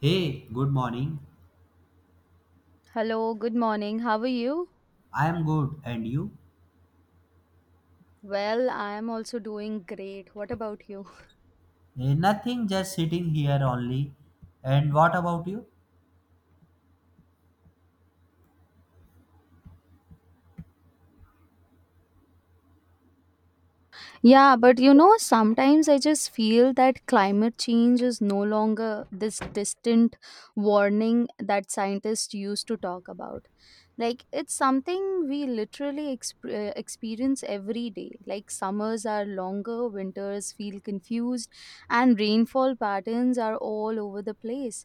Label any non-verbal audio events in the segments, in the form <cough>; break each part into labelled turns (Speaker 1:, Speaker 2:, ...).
Speaker 1: Hey, good morning.
Speaker 2: Hello, good morning. How are you?
Speaker 1: I am good, and you?
Speaker 2: Well, I am also doing great. What about you?
Speaker 1: Nothing, just sitting here only. And what about you?
Speaker 2: Yeah, but you know, sometimes I just feel that climate change is no longer this distant warning that scientists used to talk about. Like it's something we literally experience every day. Like summers are longer, winters feel confused, and rainfall patterns are all over the place.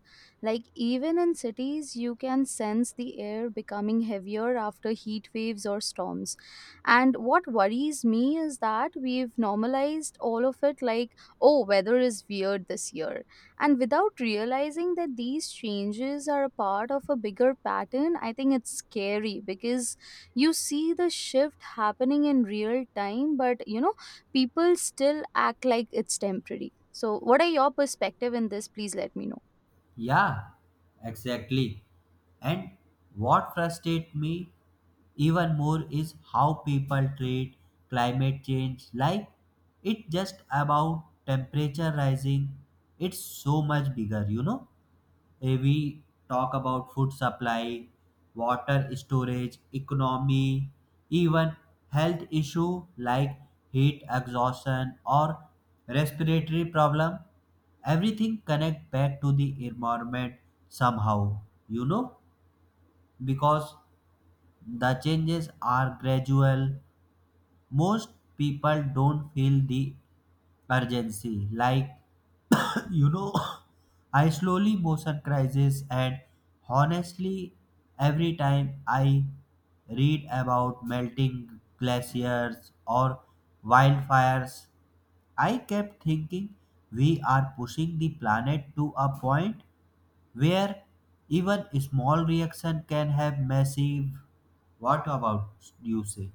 Speaker 2: Like even in cities you can sense the air becoming heavier after heat waves or storms. And what worries me is that we've normalized all of it, like, oh, weather is weird this year, and without realizing that these changes are a part of a bigger pattern. I think it's scary because you see the shift happening in real time, but, you know, people still act like it's temporary. So what are your perspective in this? Please let me know.
Speaker 1: Yeah, exactly. And what frustrates me even more is how people treat climate change like it's just about temperature rising. It's so much bigger, you know? We talk about food supply, water storage, economy, even health issue like heat exhaustion or respiratory problem. Everything connect back to the environment somehow, you know, because the changes are gradual. Most people don't feel the urgency like you know, <laughs> I slowly motion crisis, and honestly, every time I read about melting glaciers or wildfires, I kept thinking we are pushing the planet to a point where even small reaction can have massive. What about you say?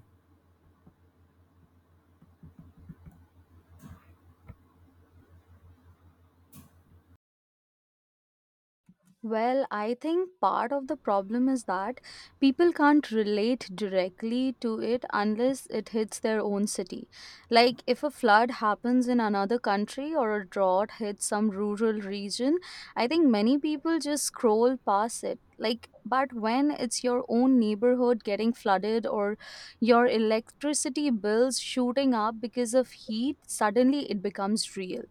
Speaker 2: Well, I think part of the problem is that people can't relate directly to it unless it hits their own city. Like, if a flood happens in another country or a drought hits some rural region, I think many people just scroll past it. Like, but when it's your own neighborhood getting flooded or your electricity bills shooting up because of heat, suddenly it becomes real.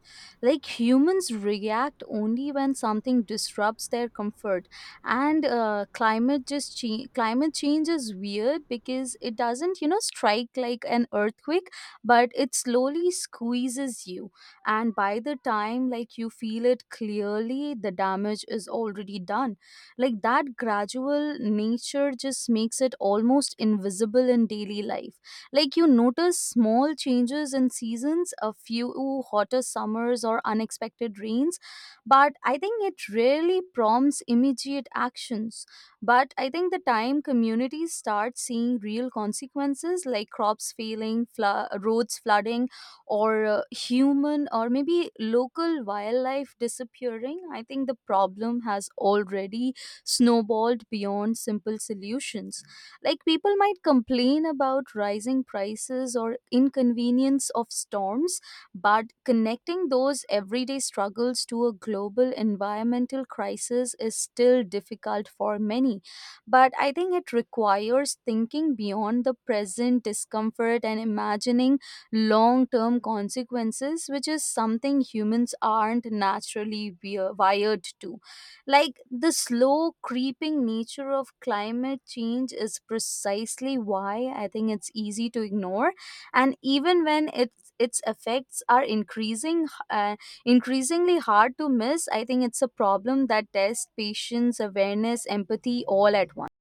Speaker 2: Like humans react only when something disrupts their comfort. And climate change is weird because it doesn't, you know, strike like an earthquake, but it slowly squeezes you. And by the time, like, you feel it clearly, the damage is already done. Like that gradual nature just makes it almost invisible in daily life. Like you notice small changes in seasons, a few hotter summers or unexpected rains, but I think it really prompts immediate actions. But I think the time communities start seeing real consequences like crops failing, roads flooding, or human or maybe local wildlife disappearing, I think the problem has already snowballed beyond simple solutions. Like people might complain about rising prices or inconvenience of storms, but connecting those everyday struggles to a global environmental crisis is still difficult for many. But I think it requires thinking beyond the present discomfort and imagining long term consequences, which is something humans aren't naturally wired to. Like the slow creeping nature of climate change is precisely why I think it's easy to ignore. And even when its effects are increasing, increasingly hard to miss, I think it's a problem that tests patience, awareness, empathy all at once.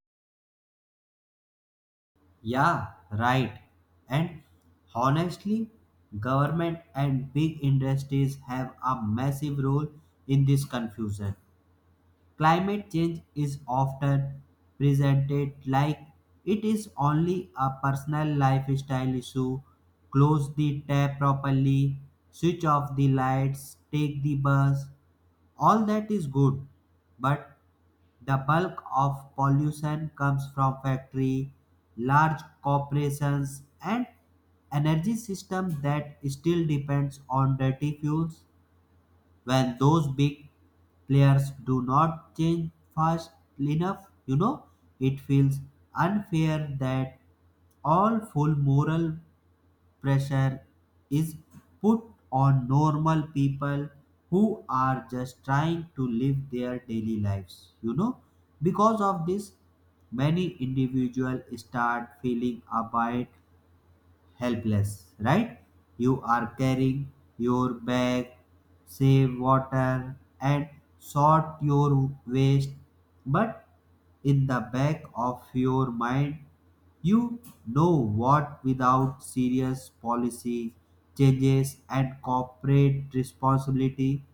Speaker 1: Yeah, right. And honestly, government and big industries have a massive role in this confusion. Climate change is often presented like it is only a personal lifestyle issue. Close the tap properly, switch off the lights, take the bus, all that is good, but the bulk of pollution comes from factory, large corporations and energy system that still depends on dirty fuels. When those big players do not change fast enough, you know, it feels unfair that all full moral pressure is put on normal people who are just trying to live their daily lives, you know. Because of this, many individuals start feeling a bit helpless, right? You are carrying your bag, save water, and sort your waste, but in the back of your mind, you know what, without serious policy changes and corporate responsibility,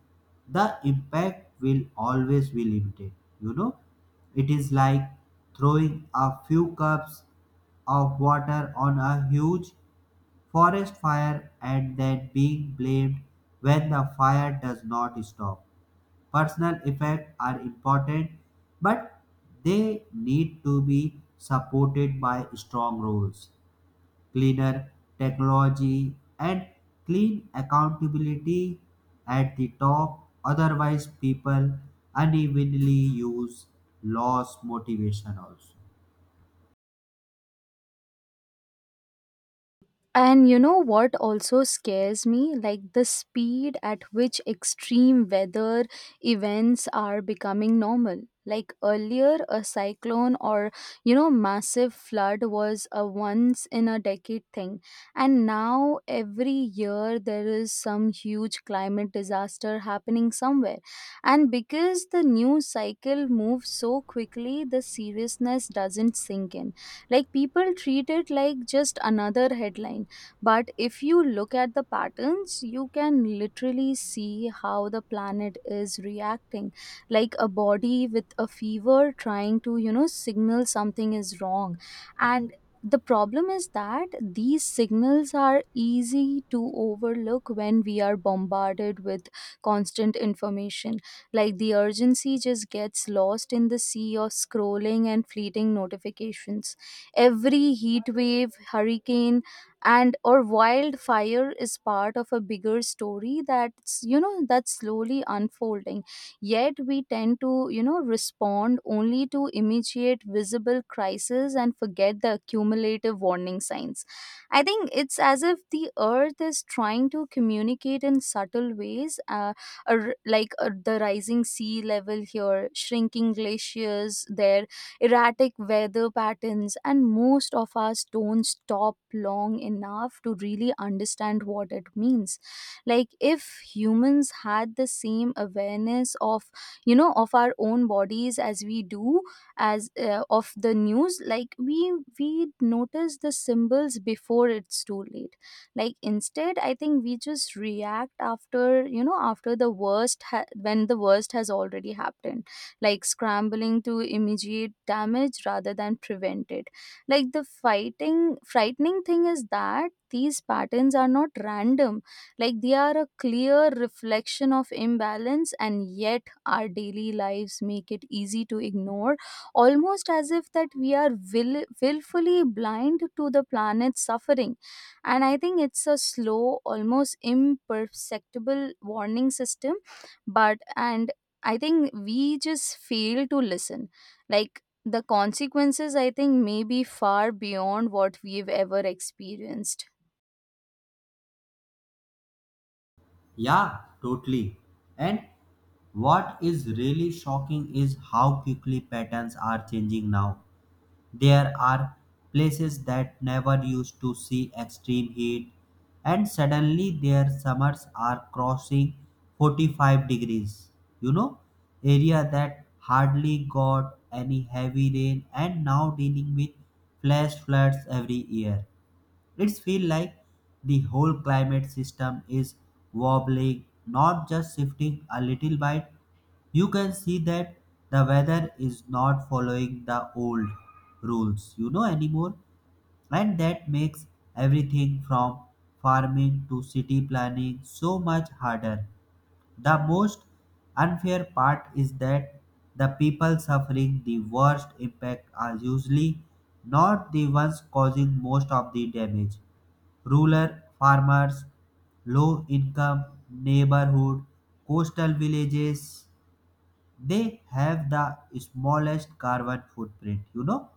Speaker 1: the impact will always be limited. You know, it is like throwing a few cups of water on a huge forest fire and then being blamed when the fire does not stop. Personal effects are important, but they need to be supported by strong rules, cleaner technology, and clean accountability at the top. Otherwise, people unevenly use loss motivation also.
Speaker 2: And you know what also scares me? Like the speed at which extreme weather events are becoming normal. Like earlier, a cyclone or, you know, massive flood was a once in a decade thing. And now, every year, there is some huge climate disaster happening somewhere. And because the news cycle moves so quickly, the seriousness doesn't sink in. Like people treat it like just another headline. But if you look at the patterns, you can literally see how the planet is reacting, like a body with a fever trying to, you know, signal something is wrong. And the problem is that these signals are easy to overlook when we are bombarded with constant information. Like the urgency just gets lost in the sea of scrolling and fleeting notifications. Every heat wave, hurricane, and or wildfire is part of a bigger story that's, you know, that's slowly unfolding. Yet we tend to, you know, respond only to immediate visible crisis and forget the cumulative warning signs. I think it's as if the earth is trying to communicate in subtle ways, the rising sea level here, shrinking glaciers there, erratic weather patterns, and most of us don't stop long enough to really understand what it means. Like, if humans had the same awareness of, you know, of our own bodies as we do as of the news, like we notice the symbols before it's too late. Like instead, I think we just react after, you know, after the when the worst has already happened, like scrambling to immediate damage rather than prevent it. Like the fighting frightening thing is that these patterns are not random. Like they are a clear reflection of imbalance, and yet our daily lives make it easy to ignore, almost as if that we are willfully blind to the planet's suffering. And I think it's a slow, almost imperceptible warning system, but and I think we just fail to listen. Like the consequences, I think, may be far beyond what we've ever experienced.
Speaker 1: Yeah, totally. And what is really shocking is how quickly patterns are changing now. There are places that never used to see extreme heat, and suddenly their summers are crossing 45 degrees. You know, area that hardly got any heavy rain and now dealing with flash floods every year. It's feel like the whole climate system is wobbling, not just shifting a little bit. You can see that the weather is not following the old rules, you know, anymore. And that makes everything from farming to city planning so much harder. The most unfair part is that the people suffering the worst impact are usually not the ones causing most of the damage. Rural farmers, low-income neighborhood, coastal villages, they have the smallest carbon footprint, you know,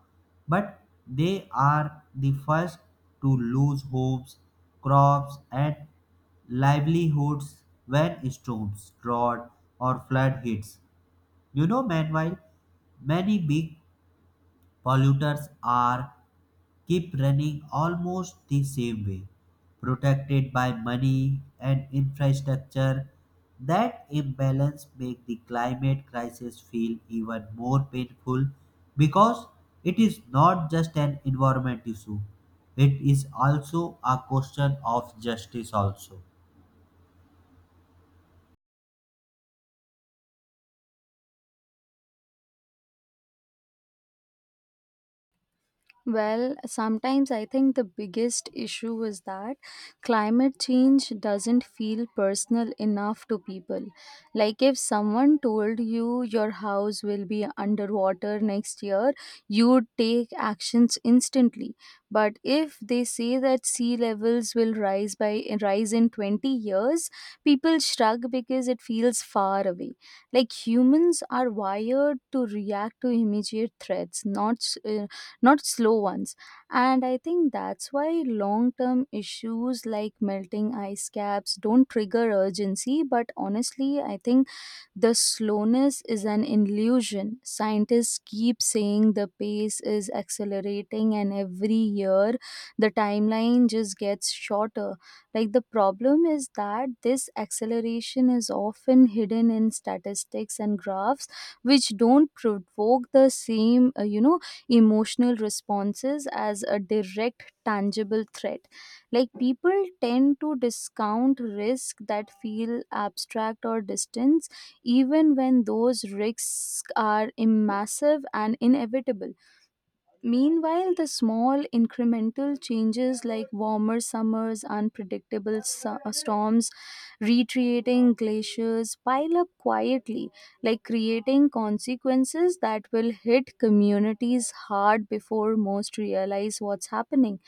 Speaker 1: but they are the first to lose homes, crops, and livelihoods when storms, drought, or flood hits. You know, meanwhile, many big polluters are keep running almost the same way, protected by money and infrastructure. That imbalance makes the climate crisis feel even more painful because it is not just an environment issue, it is also a question of justice also.
Speaker 2: Well, sometimes I think the biggest issue is that climate change doesn't feel personal enough to people. Like, if someone told you your house will be underwater next year, you'd take actions instantly. But if they say that sea levels will rise in 20 years, people shrug because it feels far away. Like humans are wired to react to immediate threats, not uh, not slow ones. And I think that's why long term issues like melting ice caps don't trigger urgency. But honestly, I think the slowness is an illusion. Scientists keep saying the pace is accelerating, and every year the timeline just gets shorter. Like the problem is that this acceleration is often hidden in statistics and graphs, which don't provoke the same, you know, emotional responses as a direct, tangible threat. Like people tend to discount risks that feel abstract or distant, even when those risks are massive and inevitable. Meanwhile, the small incremental changes like warmer summers, unpredictable storms, retreating glaciers pile up quietly, like creating consequences that will hit communities hard before most realize what's happening.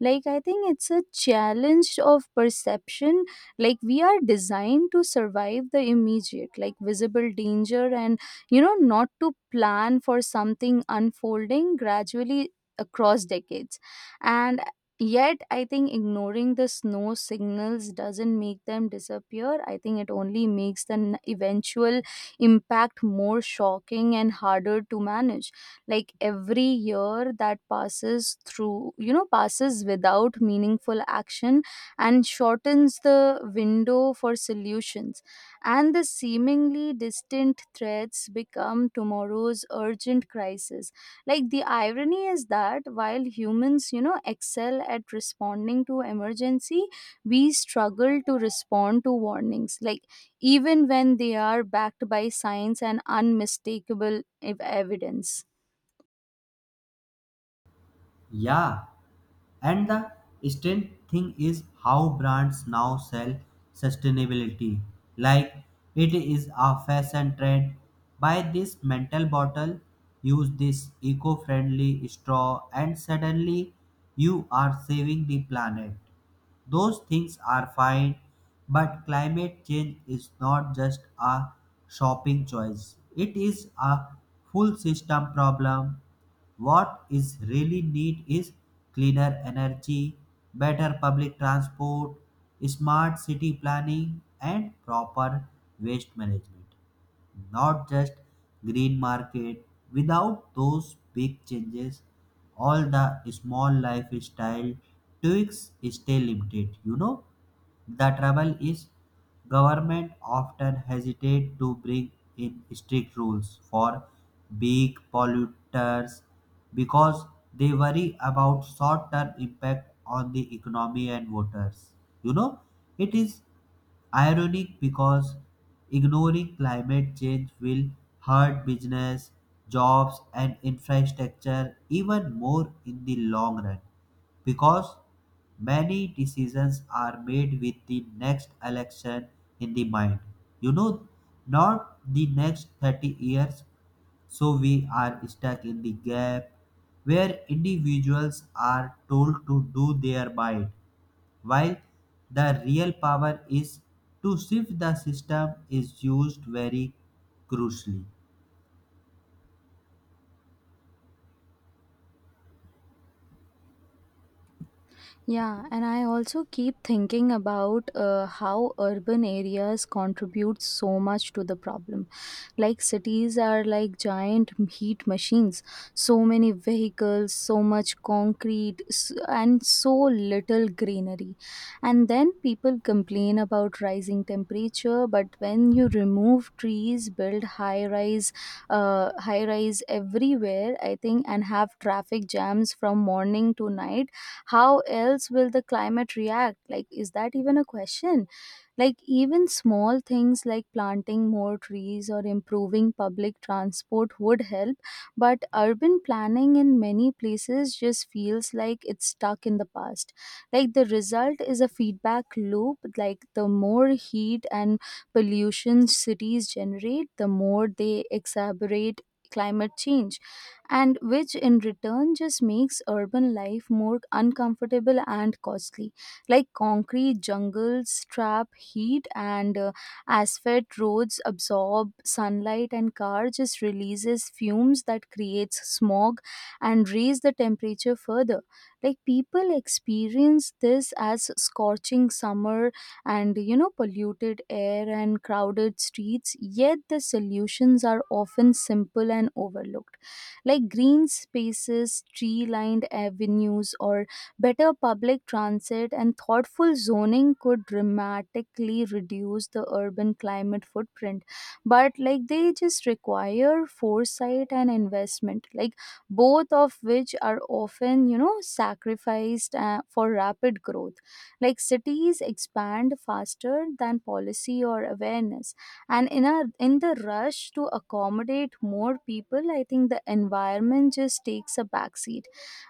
Speaker 2: Like, I think it's a challenge of perception. Like, we are designed to survive the immediate, like visible danger, and, you know, not to plan for something unfolding gradually across decades. And yet I think ignoring the snow signals doesn't make them disappear. I think it only makes the eventual impact more shocking and harder to manage. Like every year that passes through you know passes without meaningful action and shortens the window for solutions, and the seemingly distant threats become tomorrow's urgent crisis. Like the irony is that while humans, you know, excel at responding to emergency, we struggle to respond to warnings. Like even when they are backed by science and unmistakable evidence.
Speaker 1: Yeah. And the strange thing is how brands now sell sustainability like it is a fashion trend. Buy this mental bottle, use this eco friendly straw, and suddenly you are saving the planet. Those things are fine, but climate change is not just a shopping choice, it is a full system problem. What is really need is cleaner energy, better public transport, smart city planning, and proper waste management, not just green market. Without those big changes, all the small lifestyle tweaks stay limited, you know. The trouble is, government often hesitate to bring in strict rules for big polluters because they worry about short-term impact on the economy and voters. You know, it is ironic because ignoring climate change will hurt business, jobs, and infrastructure even more in the long run, because many decisions are made with the next election in the mind, you know, not the next 30 years. So we are stuck in the gap where individuals are told to do their might, while the real power is to shift the system is used very crucially.
Speaker 2: Yeah, and I also keep thinking about how urban areas contribute so much to the problem. Like cities are like giant heat machines, so many vehicles, so much concrete, and so little greenery. And then people complain about rising temperature, but when you remove trees, build high rise everywhere, I think, and have traffic jams from morning to night, how else will the climate react? Like, is that even a question? Like even small things like planting more trees or improving public transport would help, but urban planning in many places just feels like it's stuck in the past. Like the result is a feedback loop. Like the more heat and pollution cities generate, the more they exacerbate climate change, and which in return just makes urban life more uncomfortable and costly. Like concrete jungles trap heat, and asphalt roads absorb sunlight, and car just releases fumes that creates smog and raise the temperature further. Like people experience this as scorching summer and, you know, polluted air and crowded streets, yet the solutions are often simple and overlooked. Like green spaces, tree lined avenues, or better public transit and thoughtful zoning could dramatically reduce the urban climate footprint. But like they just require foresight and investment, like both of which are often, you know, sacrificed for rapid growth. Like cities expand faster than policy or awareness, and in the rush to accommodate more people, I think the environment just takes a backseat.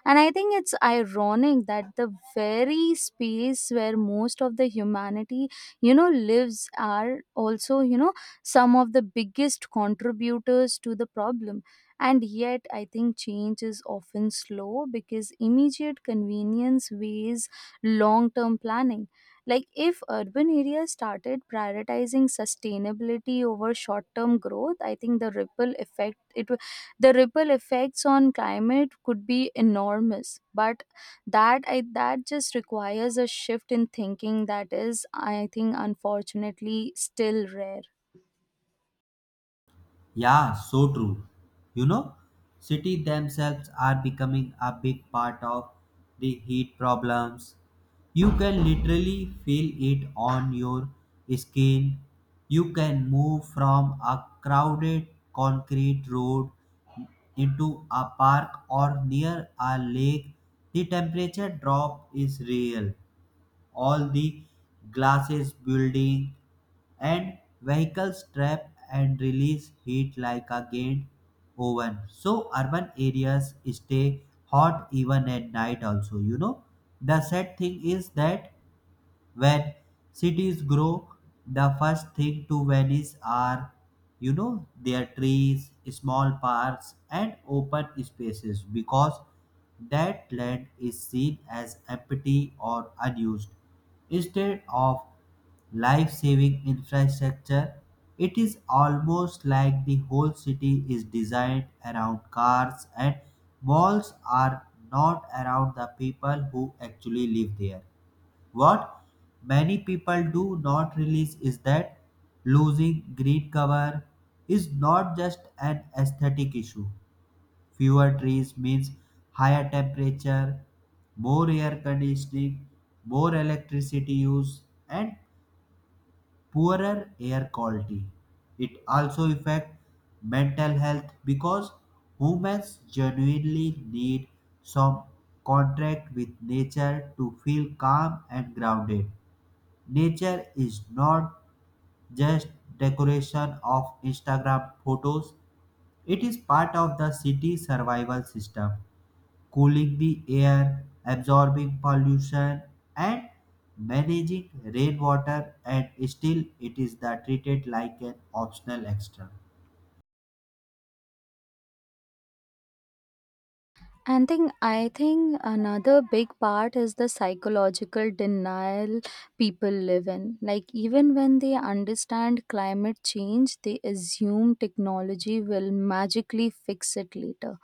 Speaker 2: And I think it's ironic that the very space where most of the humanity, you know, lives are also, you know, some of the biggest contributors to the problem. And yet, I think change is often slow because immediate convenience weighs long term planning. Like, if urban areas started prioritizing sustainability over short term growth, I think the ripple effect, it, w- the ripple effects on climate could be enormous. But that just requires a shift in thinking that is, I think, unfortunately, still rare.
Speaker 1: Yeah, so true. You know, cities themselves are becoming a big part of the heat problems. You can literally feel it on your skin. You can move from a crowded concrete road into a park or near a lake. The temperature drop is real. All the glasses building and vehicles trap and release heat like a gained oven. So urban areas stay hot even at night also, you know. The sad thing is that when cities grow, the first thing to vanish are, you know, their trees, small parks, and open spaces because that land is seen as empty or unused. Instead of life saving infrastructure, it is almost like the whole city is designed around cars and malls are not around the people who actually live there. What many people do not realize is that losing green cover is not just an aesthetic issue. Fewer trees means higher temperature, more air conditioning, more electricity use, and poorer air quality. It also affects mental health because humans genuinely need some contact with nature to feel calm and grounded. Nature is not just decoration of Instagram photos, it is part of the city survival system, cooling the air, absorbing pollution, and managing rainwater, and still it is the treated like an optional extra.
Speaker 2: And think I think another big part is the psychological denial people live in. Like even when they understand climate change, they assume technology will magically fix it later,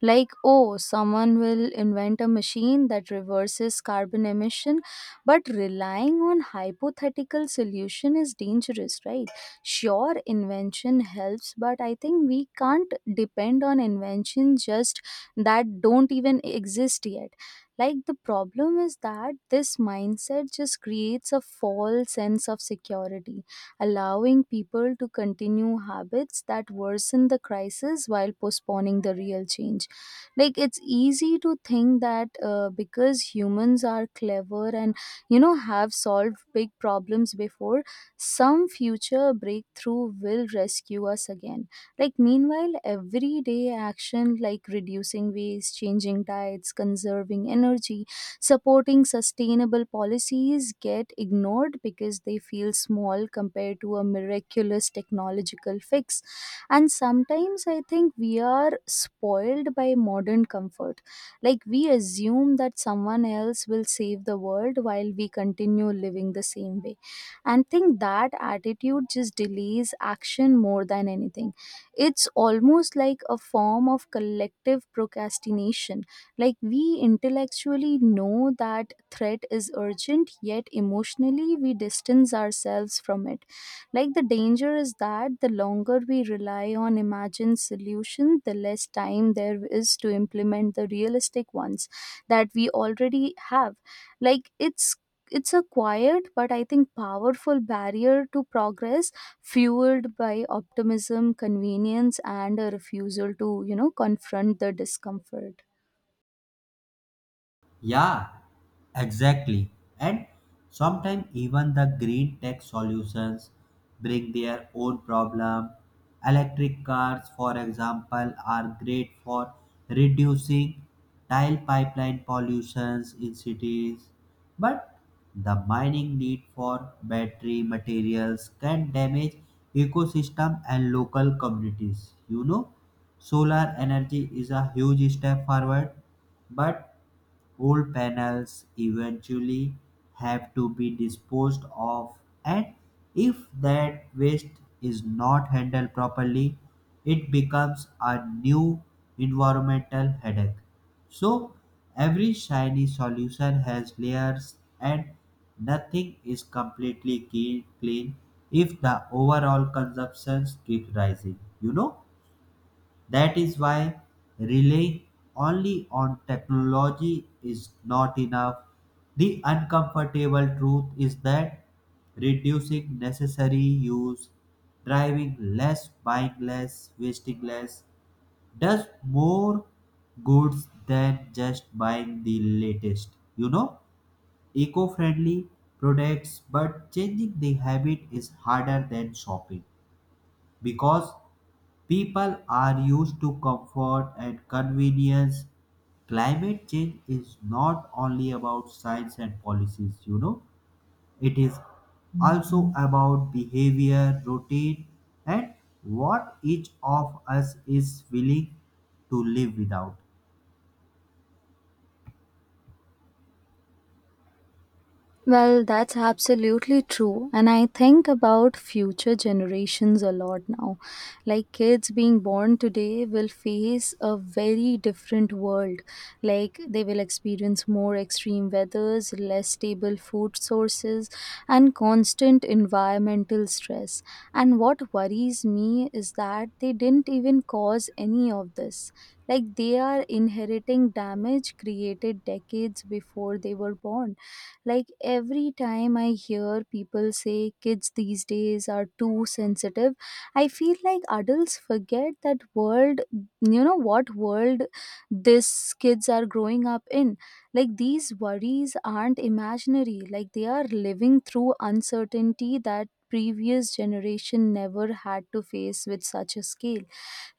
Speaker 2: like, oh, someone will invent a machine that reverses carbon emission. But relying on hypothetical solution is dangerous, right? Sure, invention helps, but I think we can't depend on invention just that don't even exist yet. Like, the problem is that this mindset just creates a false sense of security, allowing people to continue habits that worsen the crisis while postponing the real change. Like, it's easy to think that because humans are clever and have solved big problems before, some future breakthrough will rescue us again. Like, meanwhile, everyday action like reducing waste, changing diets, conserving energy, supporting sustainable policies get ignored because they feel small compared to a miraculous technological fix. And sometimes I think we are spoiled by modern comfort. Like, we assume that someone else will save the world while we continue living the same way, and think that attitude just delays action more than anything. It's almost like a form of collective procrastination. Like, we intellectually know that threat is urgent, yet emotionally we distance ourselves from it. Like, the danger is that the longer we rely on imagined solutions, the less time there is to implement the realistic ones that we already have. Like it's it's a quiet but I think powerful barrier to progress, fueled by optimism, convenience, and a refusal to, confront the discomfort.
Speaker 1: Yeah, exactly. And sometimes even the green tech solutions bring their own problem. Electric cars, for example, are great for reducing tile pipeline pollutions in cities. But the mining need for battery materials can damage ecosystem and local communities. You know, solar energy is a huge step forward, but old panels eventually have to be disposed of, and if that waste is not handled properly, it becomes a new environmental headache. So every shiny solution has layers and nothing is completely clean if the overall consumptions keep rising, you know. That is why relying only on technology is not enough. The uncomfortable truth is that reducing necessary use, driving less, buying less, wasting less, does more goods than just buying the latest, you know, eco friendly products, but changing the habit is harder than shopping because people are used to comfort and convenience. Climate change is not only about science and policies, you know, it is also about behavior, routine, and what each of us is willing to live without.
Speaker 2: Well, that's absolutely true. And I think about future generations a lot now. Like, kids being born today will face a very different world. Like, they will experience more extreme weathers, less stable food sources, and constant environmental stress. And what worries me is that they didn't even cause any of this. Like, they are inheriting damage created decades before they were born. Like, every time I hear people say kids these days are too sensitive, I feel like adults forget that world, what world these kids are growing up in. Like, these worries aren't imaginary. Like, they are living through uncertainty that previous generation never had to face with such a scale,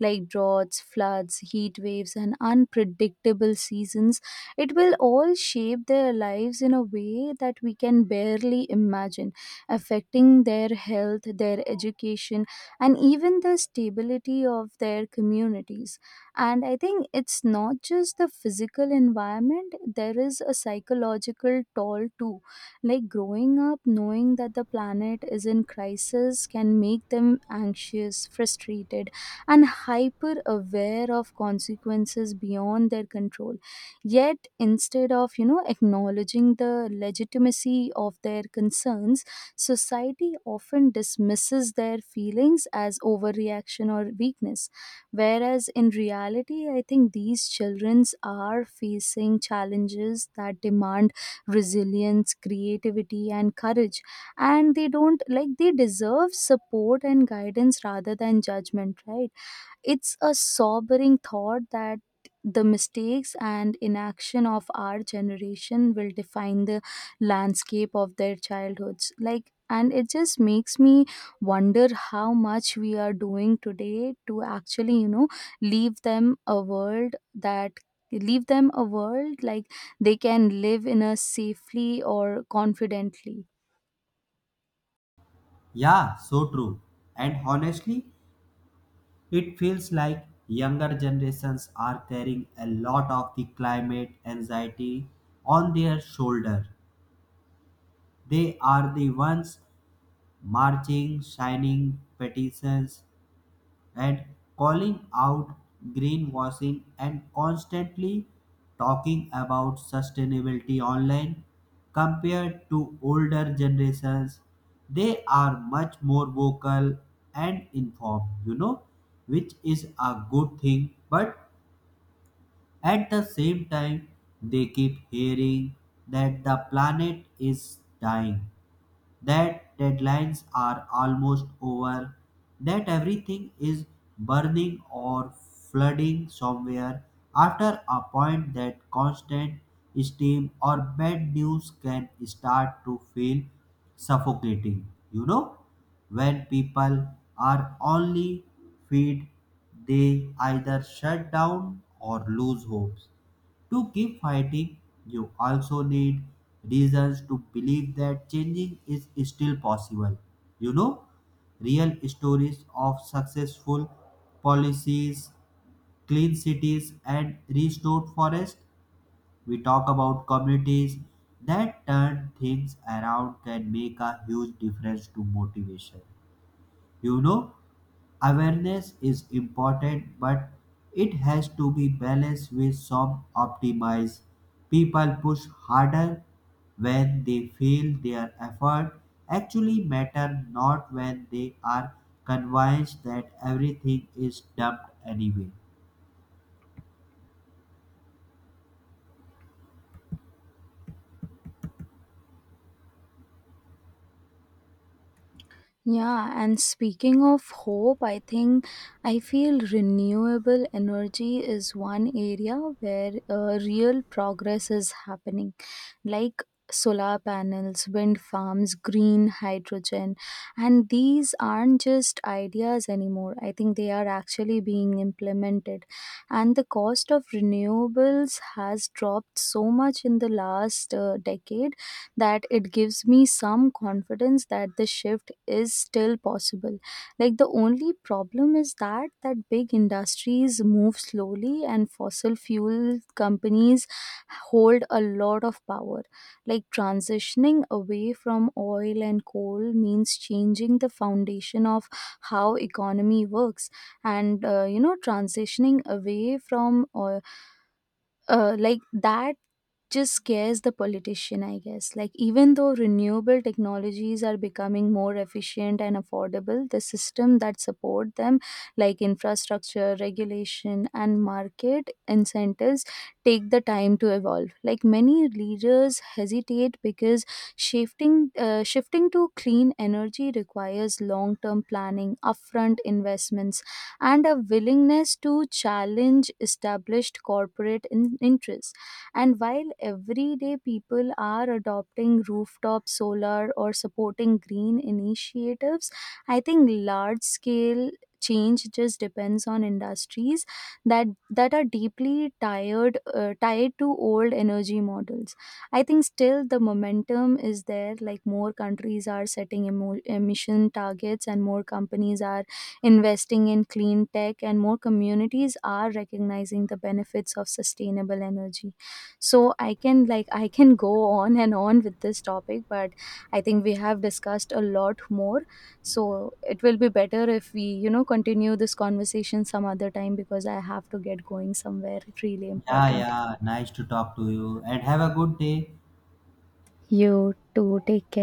Speaker 2: like droughts, floods, heat waves, and unpredictable seasons. It will all shape their lives in a way that we can barely imagine, affecting their health, their education, and even the stability of their communities. And I think it's not just the physical environment, there is a psychological toll too. Like, growing up knowing that the planet is in crisis can make them anxious, frustrated, and hyper aware of consequences beyond their control. Yet instead of acknowledging the legitimacy of their concerns, society often dismisses their feelings as overreaction or weakness, whereas in reality I think these childrens are facing challenges that demand resilience, creativity, and courage. And they don't, like, they deserve support and guidance rather than judgment, right? It's a sobering thought that the mistakes and inaction of our generation will define the landscape of their childhoods. Like, and it just makes me wonder how much we are doing today to actually, leave them a world like they can live in a safely or confidently.
Speaker 1: Yeah, so true. And honestly, it feels like younger generations are carrying a lot of the climate anxiety on their shoulder. They are the ones marching, signing petitions, and calling out greenwashing and constantly talking about sustainability online. Compared to older generations, they are much more vocal and informed, you know, which is a good thing, but at the same time they keep hearing that the planet is dying, that deadlines are almost over, that everything is burning or flooding somewhere. After a point, that constant steam or bad news can start to feel suffocating. You know, when people are only feed, they either shut down or lose hopes. To keep fighting, you also need reasons to believe that changing is still possible. You know, real stories of successful policies, clean cities, and restored forests. We talk about communities that turn things around can make a huge difference to motivation. You know, awareness is important, but it has to be balanced with some optimize. People push harder when they feel their effort actually matter, not when they are convinced that everything is dumped anyway.
Speaker 2: Yeah, and speaking of hope, I think I feel renewable energy is one area where real progress is happening, like solar panels, wind farms, green hydrogen. And these aren't just ideas anymore. I think they are actually being implemented. And the cost of renewables has dropped so much in the last decade, that it gives me some confidence that the shift is still possible. Like, the only problem is that big industries move slowly and fossil fuel companies hold a lot of power. Like, transitioning away from oil and coal means changing the foundation of how economy works. And transitioning away from oil, like that just scares the politician, I guess. Like, even though renewable technologies are becoming more efficient and affordable, the system that support them, like infrastructure, regulation, and market incentives, take the time to evolve. Like, many leaders hesitate because shifting to clean energy requires long term planning, upfront investments, and a willingness to challenge established corporate interests. And while everyday people are adopting rooftop solar or supporting green initiatives, I think large scale change just depends on industries that are deeply tired tied to old energy models. I think still the momentum is there. Like, more countries are setting emission targets, and more companies are investing in clean tech, and more communities are recognizing the benefits of sustainable energy. So I can, like, I can go on and on with this topic, but I think we have discussed a lot more, so it will be better if we, continue this conversation some other time, because I have to get going somewhere really
Speaker 1: Yeah,
Speaker 2: important.
Speaker 1: yeah, nice to talk to you and have a good day.
Speaker 2: You too, take care.